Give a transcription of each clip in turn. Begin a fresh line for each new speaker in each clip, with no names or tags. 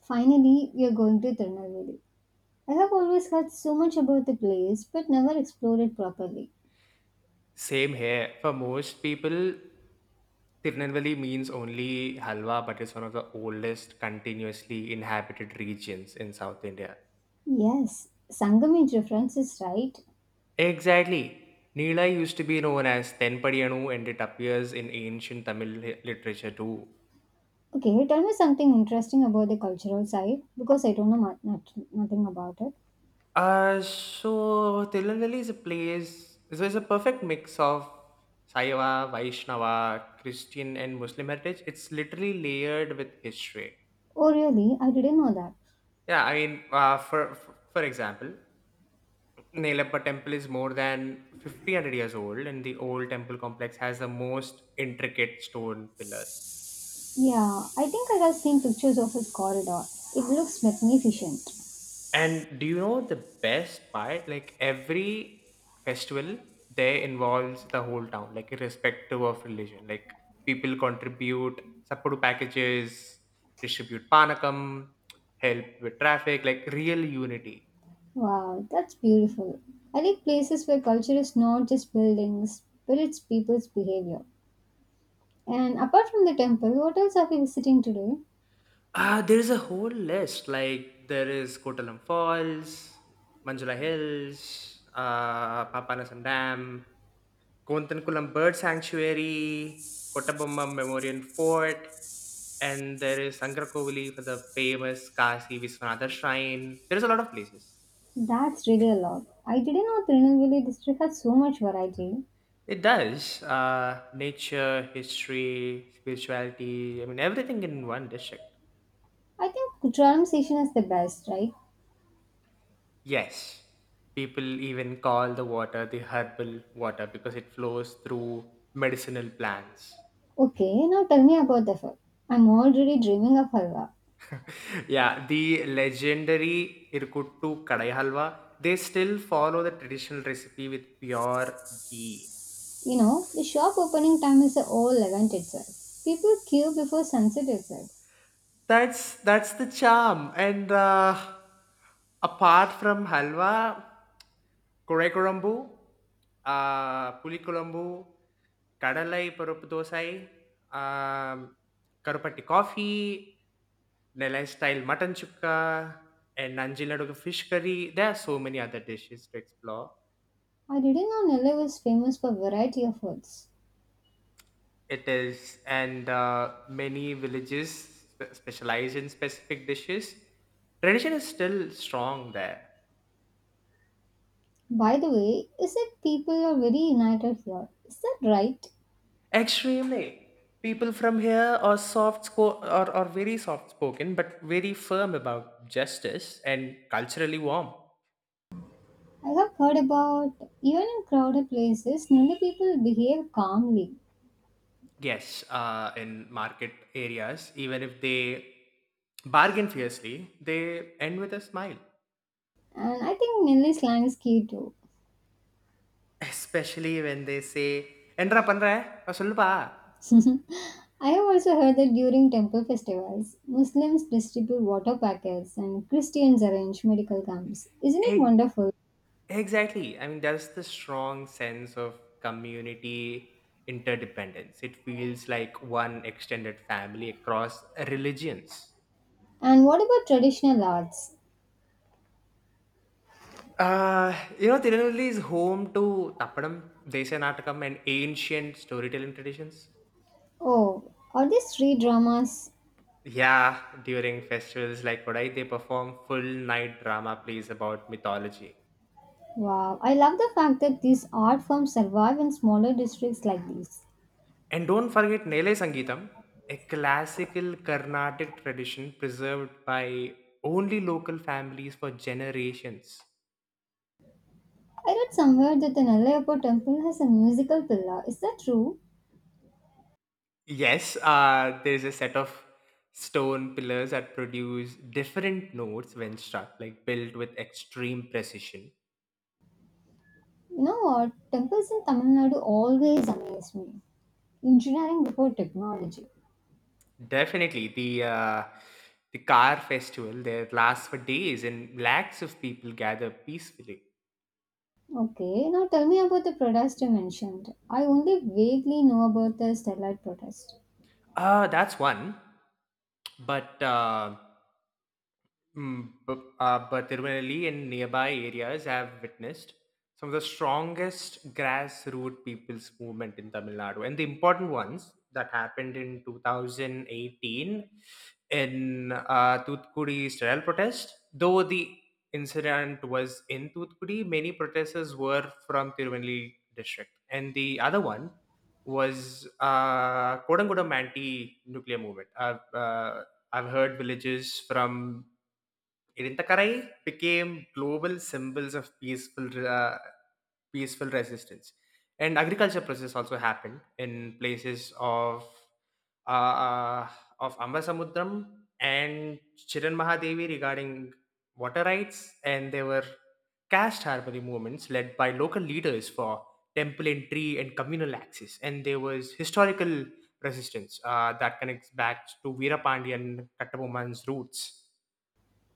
Finally, we are going to Tirunelveli. I have always heard so much about the place but never explored it properly.
Same here. For most people, Tirunelveli means only halwa, but it's one of the oldest continuously inhabited regions in South India.
Yes, Sangam's reference is right.
Exactly. Nila used to be known as Tenpadiyanu and it appears in ancient Tamil literature too.
Okay, tell me something interesting about the cultural side because I don't know nothing about it.
So Tirunelveli is a place, so it's a perfect mix of Saiva, Vaishnava, Christian and Muslim heritage. It's literally layered with history.
Oh, really? I didn't know that.
Yeah, I mean, for example, Nilappa temple is more than 50 years old and the old temple complex has the most intricate stone pillars.
Yeah, I think I have seen pictures of its corridor. It looks magnificent.
And do you know the best part? Like every festival there involves the whole town, like irrespective of religion. Like people contribute support packages, distribute panakam, help with traffic, like real unity.
Wow, that's beautiful. I like places where culture is not just buildings, but it's people's behavior. And apart from the temple, what else are we visiting today?
There is a whole list. Like there is Kottalam Falls, Manjula Hills, Papanasam Dam, Kulam Bird Sanctuary, Kottabomma Memorial Fort, and there is Sankrakovali for the famous Kasi Viswanatha Shrine. There is a lot of places.
That's really a lot. I didn't know Tirunelveli district had so much variety.
It does. Nature, history, spirituality. I mean, everything in one district.
I think Kutralam station is the best, right?
Yes, people even call the water the herbal water because it flows through medicinal plants.
Okay, now tell me about the food. I'm already dreaming of halwa.
Yeah, the legendary Irkuttu Kadai Halwa, they still follow the traditional recipe with pure ghee.
You know, the shop opening time is a all event itself. People queue before sunset itself.
That's the charm. And apart from halwa, kore kurambu, puli kulambu, kadalai parupu dosai, um, karupatti coffee, Nellai style mutton chukka, and Nanjiladuga fish curry. There are so many other dishes to explore.
I didn't know Nellore was famous for variety of foods.
It is, and many villages specialize in specific dishes. Tradition is still strong there.
By the way, is it people are very united here? Is that right?
Extremely. People from here are soft sco- or are very soft spoken, but very firm about justice and culturally warm.
I have heard about even in crowded places, Nelly people behave calmly,
Yes, in market areas, even if they bargain fiercely, they end with a smile.
and I think Nelly slang is key too.
Especially when they say, "Enra panra, சொல்லுப்பா."
I have also heard that during temple festivals, Muslims distribute water packets and Christians arrange medical camps. Isn't it wonderful?
Exactly. I mean, there's the strong sense of community interdependence. It feels like one extended family across religions.
And what about traditional arts?
You know, Tirunelveli is home to Tappadam, Desanatakam, and ancient storytelling traditions.
Oh, are these street dramas?
Yeah, during festivals like Kodai, they perform full night drama plays about mythology.
Wow, I love the fact that these art forms survive in smaller districts like these.
And don't forget Nele Sangeetam, a classical Carnatic tradition preserved by only local families for generations.
I read somewhere that the Nallayappa temple has a musical pillar. Is that true?
Yes, there's a set of stone pillars that produce different notes when struck, like built with extreme precision.
No, temples in Tamil Nadu always amaze me. Engineering before technology.
Definitely, the car festival there lasts for days, and lakhs of people gather peacefully.
Okay, now tell me about the protest you mentioned. I only vaguely know about the Stellar protest.
That's one. But uh, but Tirunelli and nearby areas have witnessed some of the strongest grassroots people's movement in Tamil Nadu. And the important ones that happened in 2018 in Thoothukudi sterile protest, though the incident was in Thoothukudi, many protesters were from Tirunelli district. And the other one was Kodangudam anti-nuclear movement. I've heard villages from Irinthakarai became global symbols of peaceful, peaceful resistance, and agriculture process also happened in places uh, uh, of Ambasamudram and Chiran Mahadevi regarding water rights, and there were caste harmony movements led by local leaders for temple entry and communal access, and there was historical resistance that connects back to Veera Pandya and Kattaboman's roots.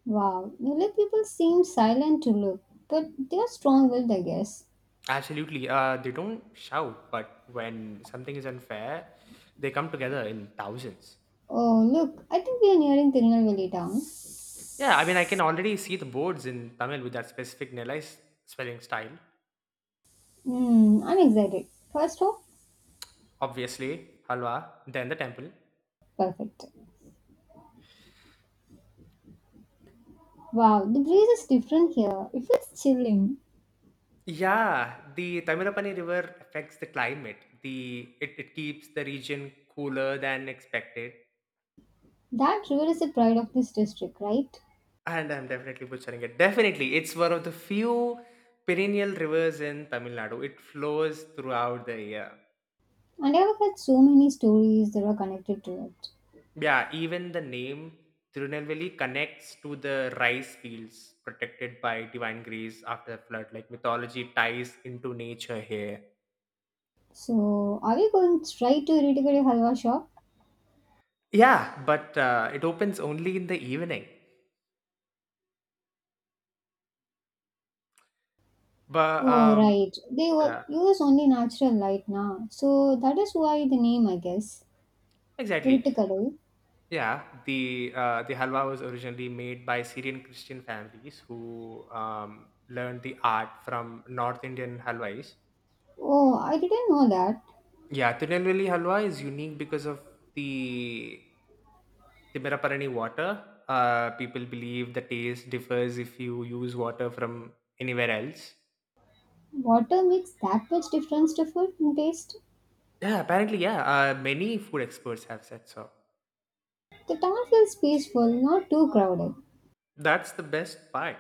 Wow, Nulak people seem silent to look, but they are strong willed, I guess.
Absolutely. They don't shout, but when something is unfair, they come together in thousands.
Oh, look, I think we are nearing Tirunelveli town.
Yeah, I mean, I can already see the boards in Tamil with that specific Nellai spelling style.
Hmm, I'm excited. First hope,
Obviously, Halwa, then the temple.
perfect. Wow, the breeze is different here. It feels chilling.
Yeah, the Tamirapani River affects the climate. It keeps the region cooler than expected.
That river is the pride of this district, right?
And I'm definitely butchering it. Definitely, it's one of the few perennial rivers in Tamil Nadu. It flows throughout the year.
And I've heard so many stories that are connected to it.
Yeah, even the name Tirunelveli connects to the rice fields protected by divine grace after the flood. Like mythology ties into nature here.
So, are we going straight to Irritabadi Halwa shop?
Yeah, but it opens only in the evening. But
Oh, right.
yeah,
Use only natural light now. So, that is why the name, I guess.
exactly.
Irritakadai.
Yeah, the halwa was originally made by Syrian Christian families who learned the art from North Indian halwais.
Oh, I didn't know that.
Yeah, Tirunelveli halwa is unique because of the Timiraparani water. People believe the taste differs if you use water from anywhere else.
Water makes that much difference to food and taste.
Yeah, apparently, yeah. Many food experts have said so.
The town feels peaceful, not too crowded.
That's the best part.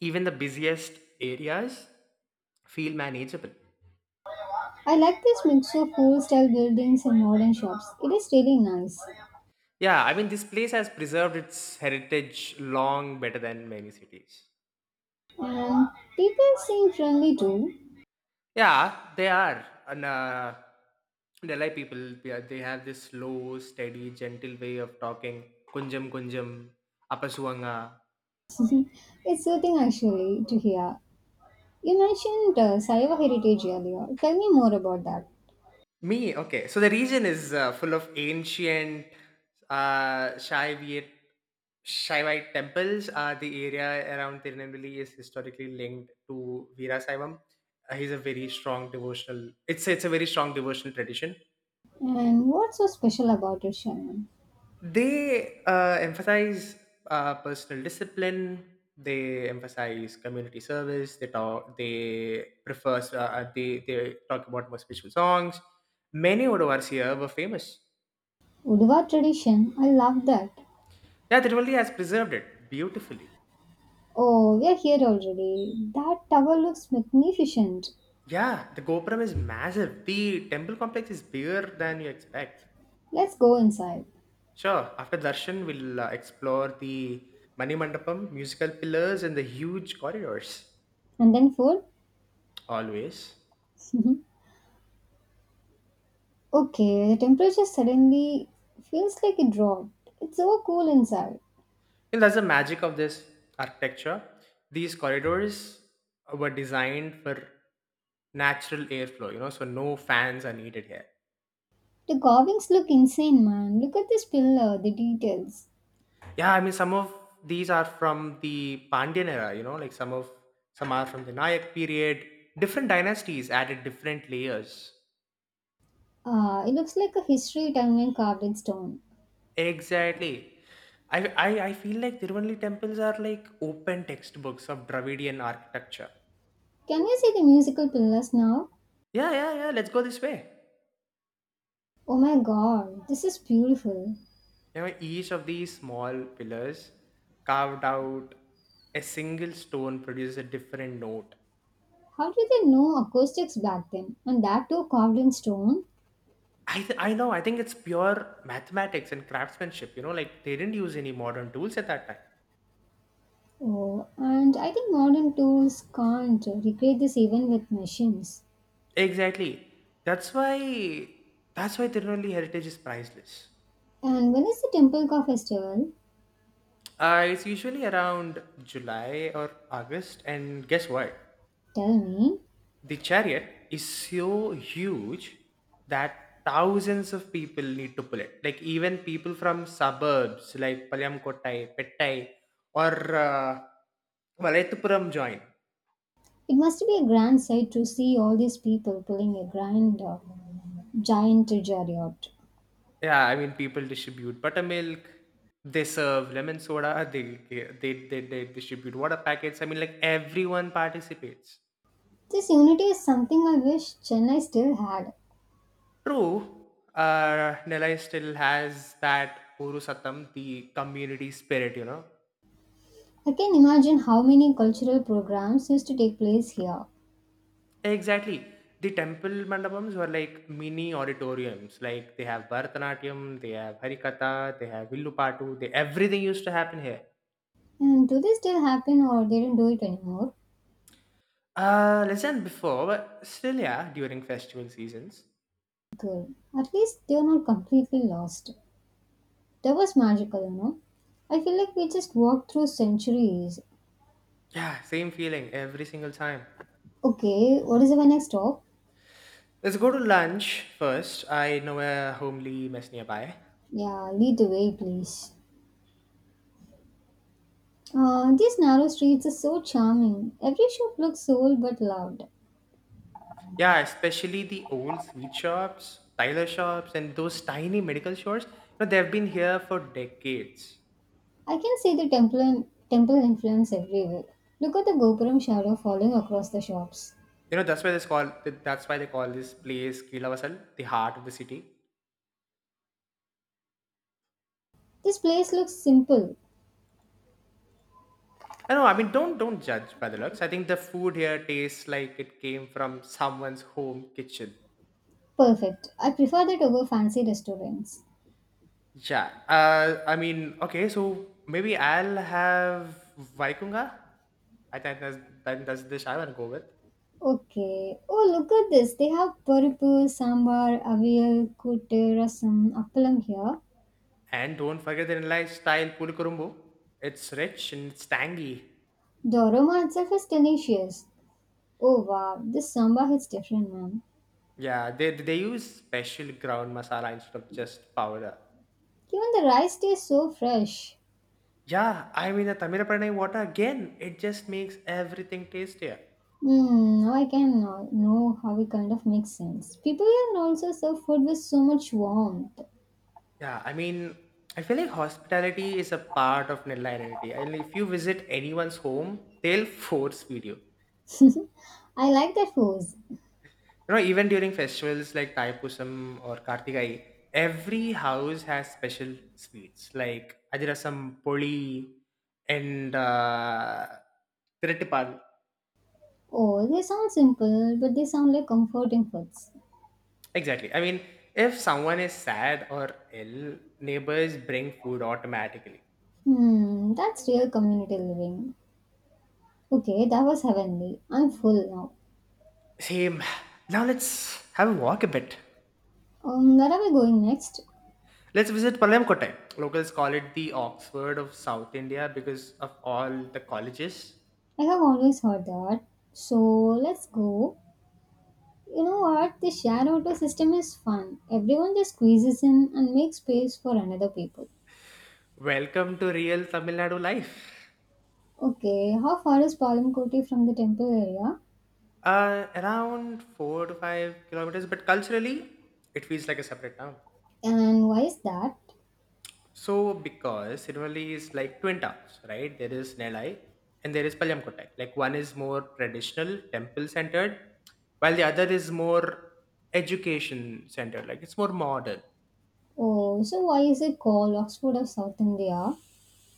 Even the busiest areas feel manageable.
I like this mix of old style buildings and modern shops. It is really nice.
Yeah, I mean, this place has preserved its heritage long better than many cities.
And people seem friendly too.
Yeah, they are. And Delhi people, they have this slow, steady, gentle way of talking. Kunjam Kunjam, Apasuanga.
Mhm. It's soothing actually to hear. You mentioned Saiva heritage earlier. Tell me more about that.
Me, okay. So the region is full of ancient uh, Shaivite, Shaivite temples. The area around Tirunelveli is historically linked to Veera Saivam. He's a very strong devotional. It's a very strong devotional tradition.
And what's so special about it, Shannon?
They emphasize personal discipline. They emphasize community service. They prefer, they talk about more spiritual songs. Many odovars here were famous.
Uduva tradition, I love that.
Yeah, Tiruvallur has preserved it beautifully.
Oh, we are here already. That tower looks magnificent.
Yeah, the gopuram is massive. The temple complex is bigger than you expect.
Let's go inside.
Sure, after darshan we'll explore the mani mandapam, musical pillars, and the huge corridors.
And then food?
Always.
Mhm. Okay, the temperature suddenly feels like it dropped. It's so cool inside.
And that's the magic of this architecture. These corridors were designed for natural airflow, you know, so no fans are needed here.
The carvings look insane, man. Look at this pillar, the details.
Yeah, I mean, some of these are from the Pandyan era, you know, like some are from the Nayak period. Different dynasties added different layers.
Ah, it looks like a history timeline carved in stone.
Exactly. I feel like Tiruvannali temples are like open textbooks of Dravidian architecture.
Can you see the musical pillars now?
Yeah. Let's go this way.
Oh my god, this is beautiful.
You know, each of these small pillars carved out a single stone produces a different note.
How did they know acoustics back then? And that too carved in stone?
I know, I think it's pure mathematics and craftsmanship. You know, like they didn't use any modern tools at that time.
Oh, and I think modern tools can't recreate this even with machines.
Exactly. That's why that's why Tirunelli heritage is priceless.
And when is the Temple Car Festival?
It's usually around July or August, and guess what?
Tell me.
The chariot is so huge that thousands of people need to pull it. Like even people from suburbs like Palyamkottai, Pettai, or Valaithupuram join.
It must be a grand sight to see all these people pulling a grand giant chariot.
Yeah, I mean people distribute buttermilk. They serve lemon soda. They distribute water packets. I mean like everyone participates.
This unity is something I wish Chennai still had.
True, Nellai still has that Purusatam, the community spirit, you know.
I can imagine how many cultural programs used to take place here.
Exactly. The temple mandapams were like mini auditoriums. Like they have Bharatanatyam, they have Harikatha, they have Villupattu, they everything used to happen here.
And do they still happen or they don't do it anymore?
Less than before, but still yeah, during festival seasons.
Good. At least they are not completely lost. That was magical, you know. I feel like we just walked through centuries.
Yeah, same feeling every single time.
Okay, what is our next stop?
Let's go to lunch first. I know a homely mess nearby.
Yeah, lead the way, please. These narrow streets are so charming. Every shop looks old but loved.
Yeah, especially the old sweet shops, tailor shops, and those tiny medical stores. You know, they've been here for decades.
I can see the temple and temple influence everywhere. Look at the Gopuram shadow falling across the shops.
You know, that's why they call this place Kilavasal, the heart of the city.
This place looks simple.
I know. I mean, don't judge by the looks. I think the food here tastes like it came from someone's home kitchen.
Perfect. I prefer that over fancy restaurants.
Yeah. I mean, okay. So maybe I'll have Vaikunga. I think that's, that, that's the dish I want to go with.
Okay. Oh, look at this. They have paripu, sambar, avial, koote, rasam, appalam here.
And don't forget the Nilai style pulkurumbu. It's rich and it's tangy.
The aroma itself is delicious. Oh, wow. This sambar hits different, man.
Yeah, they use special ground masala instead of just powder.
Even the rice tastes so fresh.
Yeah, I mean the Tamilapranai water again, it just makes everything tastier.
Hmm, now I can know how it kind of makes sense. People here also serve food with so much warmth.
Yeah, I mean I feel like hospitality is a part of Nella identity. And if you visit anyone's home, they'll force feed you.
I like that foods.
You know, even during festivals like Taipusam or Kartikai, every house has special sweets like Adirasam, Poli, and Tiritipal.
Oh, they sound simple, but they sound like comforting foods.
Exactly. I mean, if someone is sad or ill, neighbors bring food automatically.
Hmm, that's real community living. Okay, that was heavenly. I'm full now.
Same. Now let's have a walk a bit.
Where are we going next?
Let's visit Palayamkottai. Locals call it the Oxford of South India because of all the colleges.
I have always heard that. So let's go. You know what? The share auto system is fun. Everyone just squeezes in and makes space for another people.
Welcome to real Tamil Nadu life.
Okay, how far is Palamkoti from the temple area?
Around 4 to 5 kilometers, but culturally, it feels like a separate town.
And why is that?
So, because Tiruvalley is like twin towns, right? There is Nellai and there is Palayamkottai. Like one is more traditional, temple centered, while the other is more education centered. Like it's more modern.
Oh, so why is it called Oxford of South India?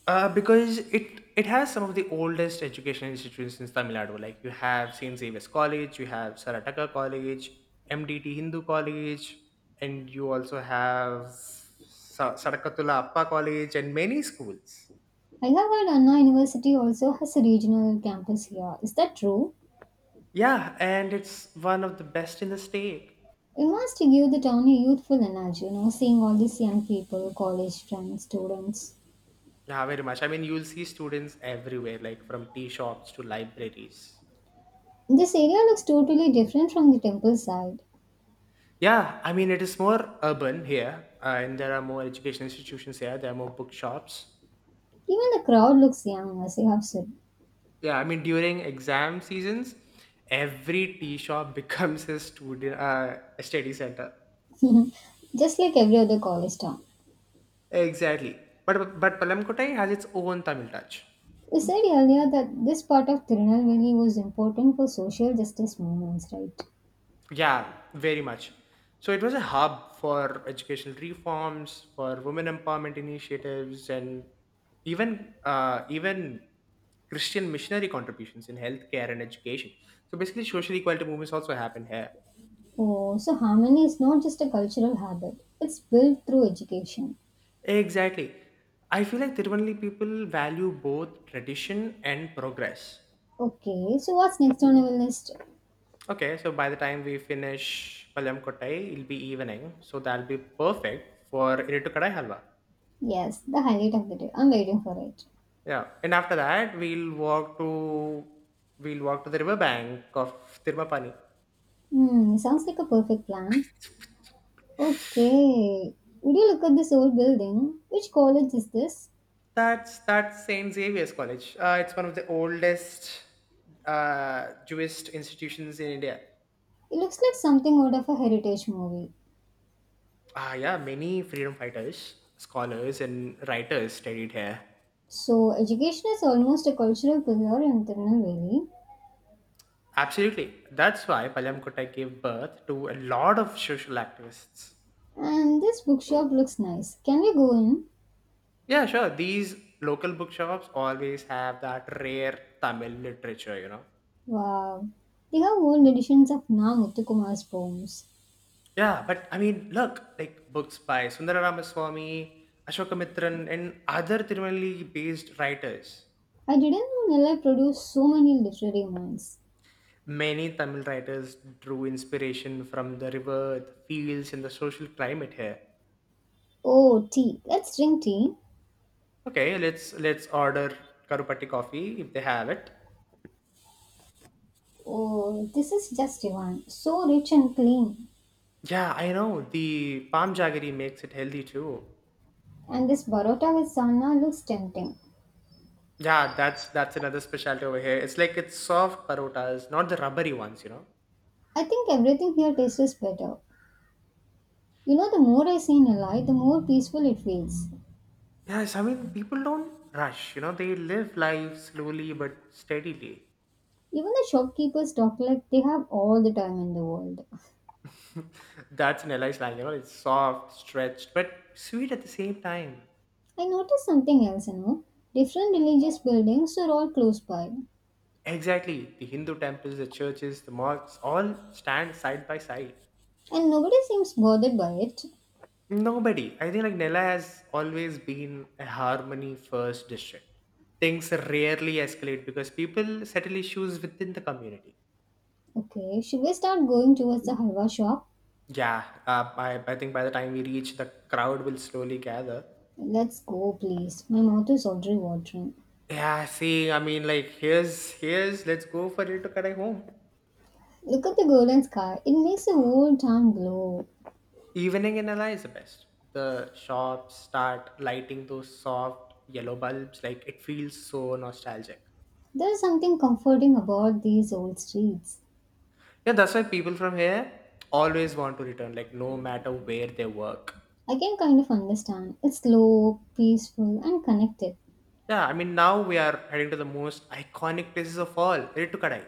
Because it has some of the oldest educational institutions in Tamil Nadu. Like you have Saint Xavier's College, you have Sarataka College, MDT Hindu College, and you also have Sarakatula Appa College, and many schools.
I have heard Anna University also has a regional campus here. Is that true?
Yeah, and it's one of the best in the state.
It must give the town a youthful energy, you know, seeing all these young people, college friends, students.
Yeah, very much. I mean, you'll see students everywhere, like from tea shops to libraries.
This area looks totally different from the temple side.
Yeah, I mean, it is more urban here, and there are more education institutions here. There are more bookshops.
Even the crowd looks young, as you have said.
Yeah, I mean during exam seasons, every tea shop becomes a student a study center.
Just like every other college town.
Exactly. But Palamkottai has its own Tamil touch.
We said earlier that this part of Tirunelveli was important for social justice movements, right?
Yeah, very much. So it was a hub for educational reforms, for women empowerment initiatives, and even Christian missionary contributions in healthcare and education. So basically, social equality movements also happen here.
Oh, so harmony is not just a cultural habit, it's built through education.
Exactly. I feel like Tiruvannali people value both tradition and progress.
Okay, so what's next on our list?
Okay, so by the time we finish Palyam Kottai, it'll be evening, so that'll be perfect for Iritu Kadai Halwa.
Yes, the highlight of the day. I'm waiting for it.
Yeah, and after that, we'll walk to the river bank of Tirumapani.
Hmm, sounds like a perfect plan. Okay, would you look at this old building? Which college is this?
That's Saint Xavier's College. It's one of the oldest Jewish institutions in India.
It looks like something out of a heritage movie.
Yeah, many freedom fighters, scholars, and writers studied here.
So, education is almost a cultural pillar in Tirunelveli.
Absolutely. That's why Palyamkottai gave birth to a lot of social activists.
And this bookshop looks nice. Can we go in?
Yeah, sure. These local bookshops always have that rare Tamil literature, you know.
Wow, they have old editions of Na Muthukumar's poems.
Yeah, but look, books by Sundara Ramaswamy, Ashokamitran, and other Tirumali based writers.
I didn't know Nellai produced so many literary minds.
Many Tamil writers drew inspiration from the river, the fields, and the social climate here.
Oh, tea. Let's drink tea.
Okay, let's order Karupatti coffee if they have it.
Oh, this is just divine. So rich and clean.
Yeah, I know. The palm jaggery makes it healthy too.
And this parotta with sana looks tempting.
Yeah, that's another specialty over here. It's soft parotas, not the rubbery ones, you know.
I think everything here tastes better. You know, the more I see Nilai, the more peaceful it feels.
Yes, I mean people don't rush, they live life slowly but steadily.
Even the shopkeepers talk like they have all the time in the world.
That's an LI slang, it's soft, stretched, but sweet at the same time.
I noticed something else, you know. Different religious buildings are all close by,
Exactly. The Hindu temples, the churches, the mosques all stand side by side.
and nobody seems bothered by it.
Nobody. I think Nella has always been a harmony first district. Things rarely escalate because people settle issues within the community.
Okay, should we start going towards the halwa shop?
Yeah, I think by the time we reach, the crowd will slowly gather.
Let's go, please. My mouth is already watering.
Yeah, see, let's go for it to correct home.
Look at the golden sky. It makes the whole town glow.
Evening in Nella is the best. The shops start lighting those soft yellow bulbs. Like, it feels so nostalgic.
There's something comforting about these old streets.
Yeah, that's why people from here always want to return, like no matter where they work.
I can kind of understand. It's slow, peaceful, and connected.
Yeah, I mean now we are heading to the most iconic places of all, Kadai.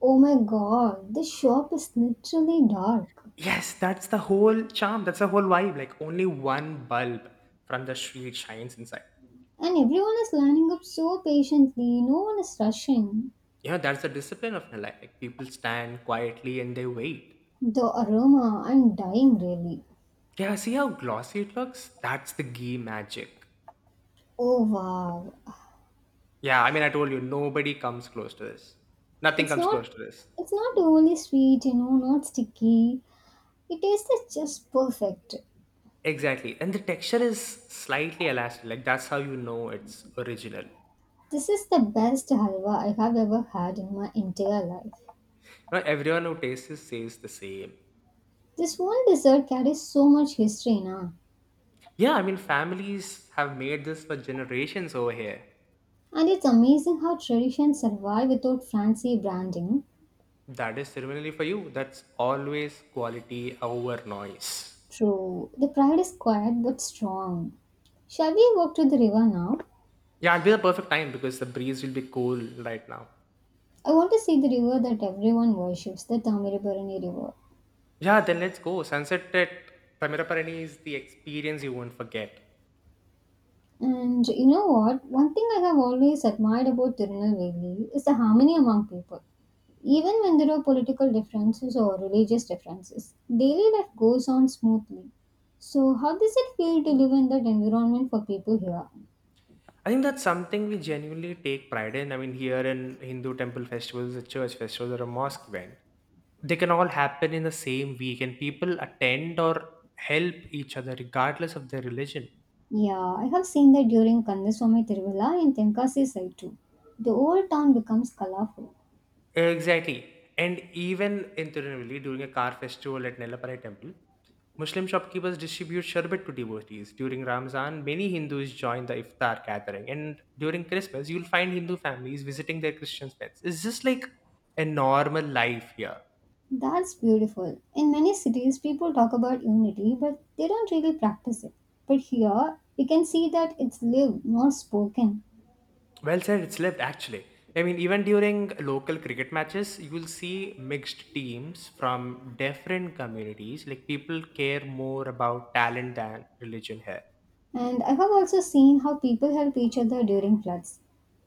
Oh my god, this shop is literally dark.
Yes, that's the whole charm. That's the whole vibe. Like only one bulb from the street shines inside.
And everyone is lining up so patiently, no one is rushing.
Yeah, that's the discipline of Nilai. Like people stand quietly and they wait.
The aroma, I'm dying really.
Yeah, see how glossy it looks? That's the ghee magic.
Oh wow.
Yeah, I mean I told you nobody comes close to this. Nothing
It's
comes
not
close to this.
it's not overly sweet, you know, not sticky. It tastes just perfect.
Exactly. And the texture is slightly elastic. Like that's how you know it's original.
This is the best halwa I have ever had in my entire life.
Not everyone who tastes it says the same.
This one dessert carries so much history na,
Yeah, I mean families have made this for generations over here.
and it's amazing how traditions survive without fancy branding.
That is similarly for you. That's always quality over noise.
True, the pride is quiet but strong. Shall we walk to the river now?
Yeah, it'll be the perfect time because the breeze will be cool right now.
I want to see the river that everyone worships, the Tamirabarani River.
Yeah, then let's go. Sunset at Tamiraparani is the experience you won't forget.
And you know what? One thing I have always admired about Tirunelveli is the harmony among people. Even when there are political differences or religious differences, daily life goes on smoothly. So, how does it feel to live in that environment for people here?
I think that's something we genuinely take pride in. I mean, here in Hindu temple festivals, a church festival, or a mosque event, they can all happen in the same week, and people attend or help each other regardless of their religion.
Yeah, I have seen that during Kandaswamy Tiruvalla in Tenkasi side too. The old town becomes colorful.
Exactly. And even in Tirunelveli, during a car festival at Nellaparai temple, Muslim shopkeepers distribute sherbet to devotees. During Ramzan, many Hindus join the iftar gathering. And during Christmas, you'll find Hindu families visiting their Christian friends. It's just like a normal life here.
That's beautiful. In many cities, people talk about unity, but they don't really practice it. But here, we can see that it's lived, not spoken.
Well said, it's lived actually. I mean, even during local cricket matches, you will see mixed teams from different communities. Like, people care more about talent than religion here.
And I have also seen how people help each other during floods.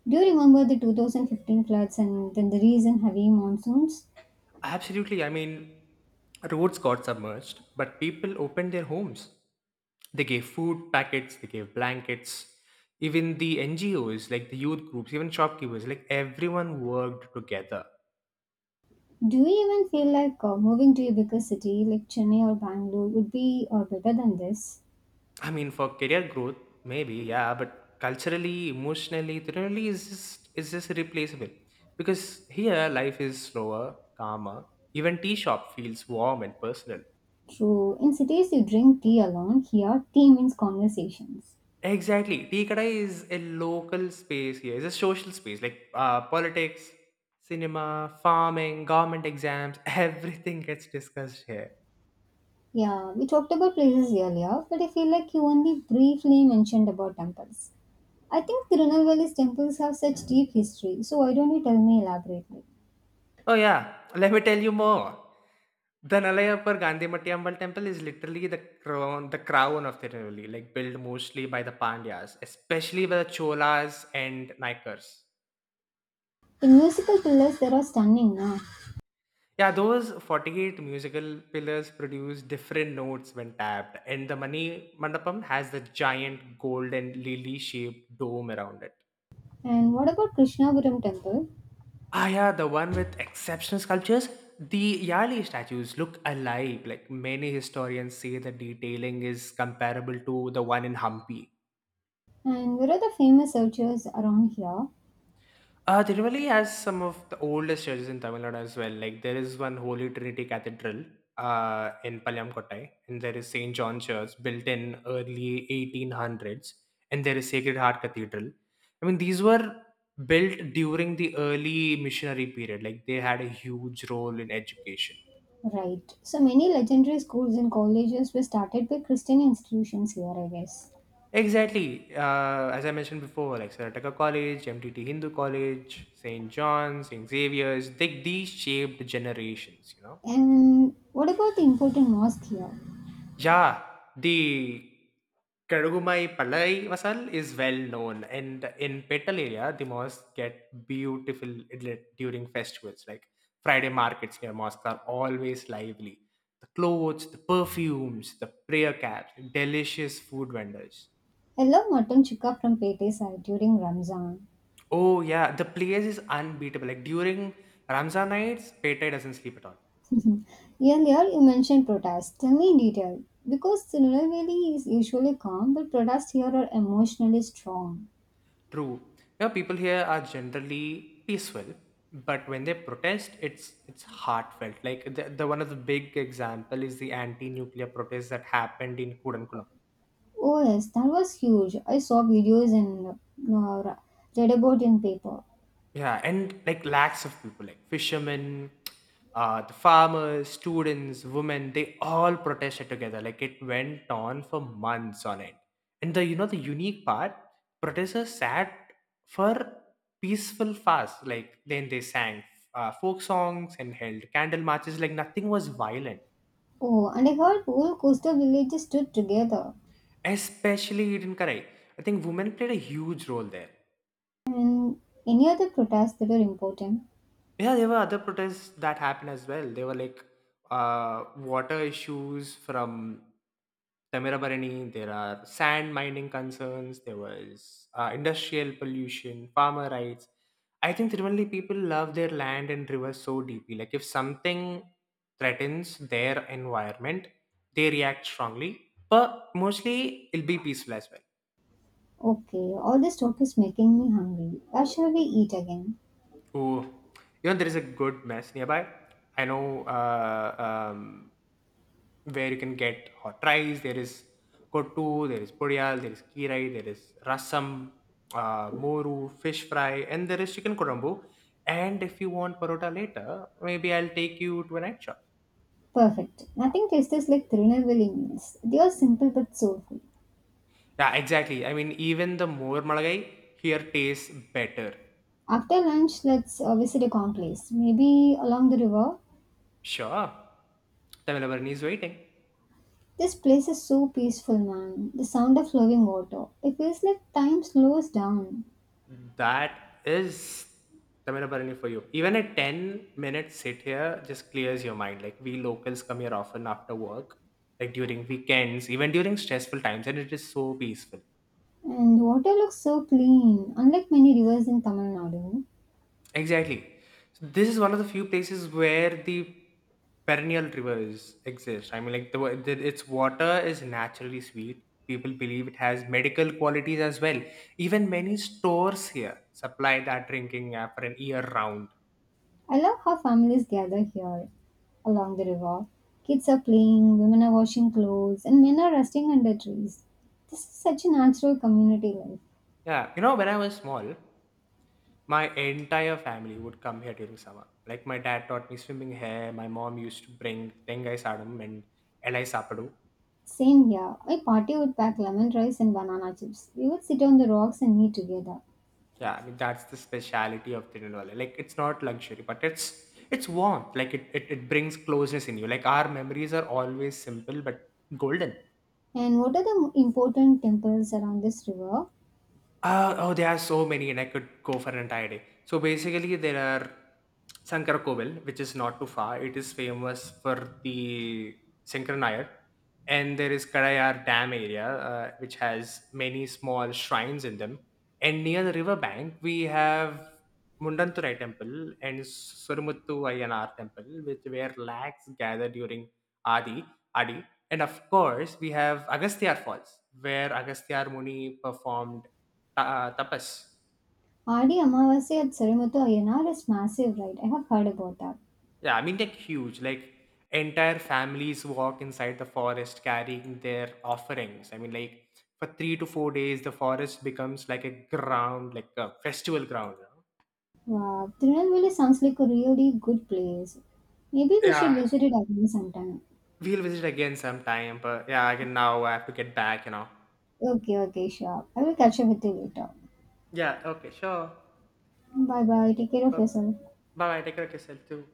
Do you remember the 2015 floods and then the recent heavy monsoons?
Absolutely. I mean, roads got submerged, but people opened their homes. They gave food packets, they gave blankets. Even the NGOs, like the youth groups, even shopkeepers, like everyone worked together.
Do you even feel like moving to a bigger city like Chennai or Bangalore would be better than this?
I mean, for career growth, maybe, yeah, but culturally, emotionally, generally is just irreplaceable. Because here life is slower, calmer. Even tea shop feels warm and personal.
True. In cities, you drink tea alone. Here, tea means conversations.
Exactly. Tea Kadai is a local space here. It's a social space. Like politics, cinema, farming, government exams, everything gets discussed here.
Yeah, we talked about places earlier, but I feel like you only briefly mentioned about temples. I think Tirunelveli's temples have such deep history, so why don't you tell me elaborately?
Oh yeah. Let me tell you more. The Nalayapur Gandhi Mattiammal temple is literally the crown of Tirunelveli, like built mostly by the Pandyas, especially by the Cholas and Naikars.
The musical pillars there are stunning now.
Yeah, those 48 musical pillars produce different notes when tapped, and the Mani Mandapam has the giant golden lily-shaped dome around it.
And what about Krishnapuram temple?
Yeah, the one with exceptional sculptures. The Yali statues look alive. Like many historians say, the detailing is comparable to the one in Hampi.
And where are the famous churches around here?
Tirumali has some of the oldest churches in Tamil Nadu as well. Like there is one Holy Trinity Cathedral in Palyamkottai, and there is St. John Church built in early 1800s, and there is Sacred Heart Cathedral. I mean, these were built during the early missionary period. Like they had a huge role in education.
Right. So many legendary schools and colleges were started by Christian institutions here, I guess.
Exactly. As I mentioned before, like Sarataka College, MTT Hindu College, St. John's, St. Xavier's, these shaped generations, you know.
And what about the important mosque here?
Yeah, the Karugummai Palai masal is well known, and in Petal area, the mosques get beautiful idli- during festivals. Like Friday markets near mosques are always lively. The clothes, the perfumes, the prayer caps, delicious food vendors.
I love mutton chukka from Pete side during Ramzan.
Oh yeah, the place is unbeatable. Like during Ramzan nights, Petai doesn't sleep at all.
Earlier you mentioned protests. Tell me in detail. Because Tirunelveli is usually calm, but protests here are emotionally strong.
True. You know, people here are generally peaceful, but when they protest, it's heartfelt. Like the one of the big example is the anti-nuclear protest that happened in Kudankulam.
Oh yes, that was huge. I saw videos and uh, read about in paper.
Yeah, and like lakhs of people, like fishermen, the farmers, students, women, they all protested together. Like it went on for months on end. And the you know the unique part, protesters sat for peaceful fast. Like then they sang folk songs and held candle marches. Like nothing was violent,
Oh, and I heard whole coastal villages stood together.
especially in Karai. I think women played a huge role there.
And any other protests that were important?
Yeah, there were other protests that happened as well. There were water issues from Tamirabarani. There are sand mining concerns. There was industrial pollution, farmer rights. I think Tiruvannali people love their land and rivers so deeply. Like if something threatens their environment, they react strongly. But mostly, it'll be peaceful as well.
Okay, all this talk is making me hungry. Where shall we eat again?
Ooh, you know, there is a good mess nearby. I know. Um, where you can get hot rice. There is kottu, there is podiyal, there is kirai, there is rasam, moru, fish fry, and there is chicken kodambu. And if you want parotta later, maybe I'll take you to a night shop.
Perfect. Nothing tastes like Tirunelveli meals. They are simple but soulful.
Yeah, exactly. I mean, even the more malagai here tastes better.
After lunch, let's visit a calm place. Maybe along the river.
Sure. Tamil Varni is waiting.
This place is so peaceful, man. The sound of flowing water. It feels like time slows down.
That is Tamil for you. Even a 10-minute sit here just clears your mind. Like, we locals come here often after work, like during weekends, even during stressful times, and it is so peaceful.
And water looks so clean, unlike many rivers in Tamil Nadu.
Exactly. So this is one of the few places where the perennial rivers exist. I mean, like, the its water is naturally sweet. People believe it has medical qualities as well. Even many stores here supply that drinking app for an year round.
I love how families gather here along the river. Kids are playing, women are washing clothes, and men are resting under trees. This is such a natural community life.
Yeah, you know, when I was small, my entire family would come here during summer. Like my dad taught me swimming here. My mom used to bring tengai sadam and elai sapadu.
Same here. My party would pack lemon rice and banana chips. We would sit on the rocks and eat together.
Yeah, I mean that's the speciality of Tirunelveli. Like it's not luxury, but it's warmth. Like it brings closeness in you. Like our memories are always simple but golden.
And what are the important temples around this river?
Oh, there are so many, and I could go for an entire day. So basically, there are Sankara Kovel, which is not too far. It is famous for the Sankara Nayar. And there is Karayar Dam area, which has many small shrines in them. And near the river bank, we have Mundanturai Temple and Surumuttu Ayyanar Temple, which where lakhs gather during Adi, Adi. And of course, we have Agastya Falls, where Agastya Muni performed Tapas.
Adi Amavasya at Sarimuthu Ayannar is massive, right? I have heard about that.
Yeah, I mean, like huge. Like entire families walk inside the forest carrying their offerings. I mean, like for 3 to 4 days, the forest becomes like a ground, like a festival ground. You know?
Wow, Tirunelveli sounds like a really good place. Maybe we should
Yeah,
visit it again sometime.
we'll visit again sometime. But yeah, again now I have to get back. You know.
Okay, okay, sure. I will catch up with you later.
Yeah. Okay. Sure.
Bye bye. Take care of
Bye.
yourself.
Bye. Take care of yourself too.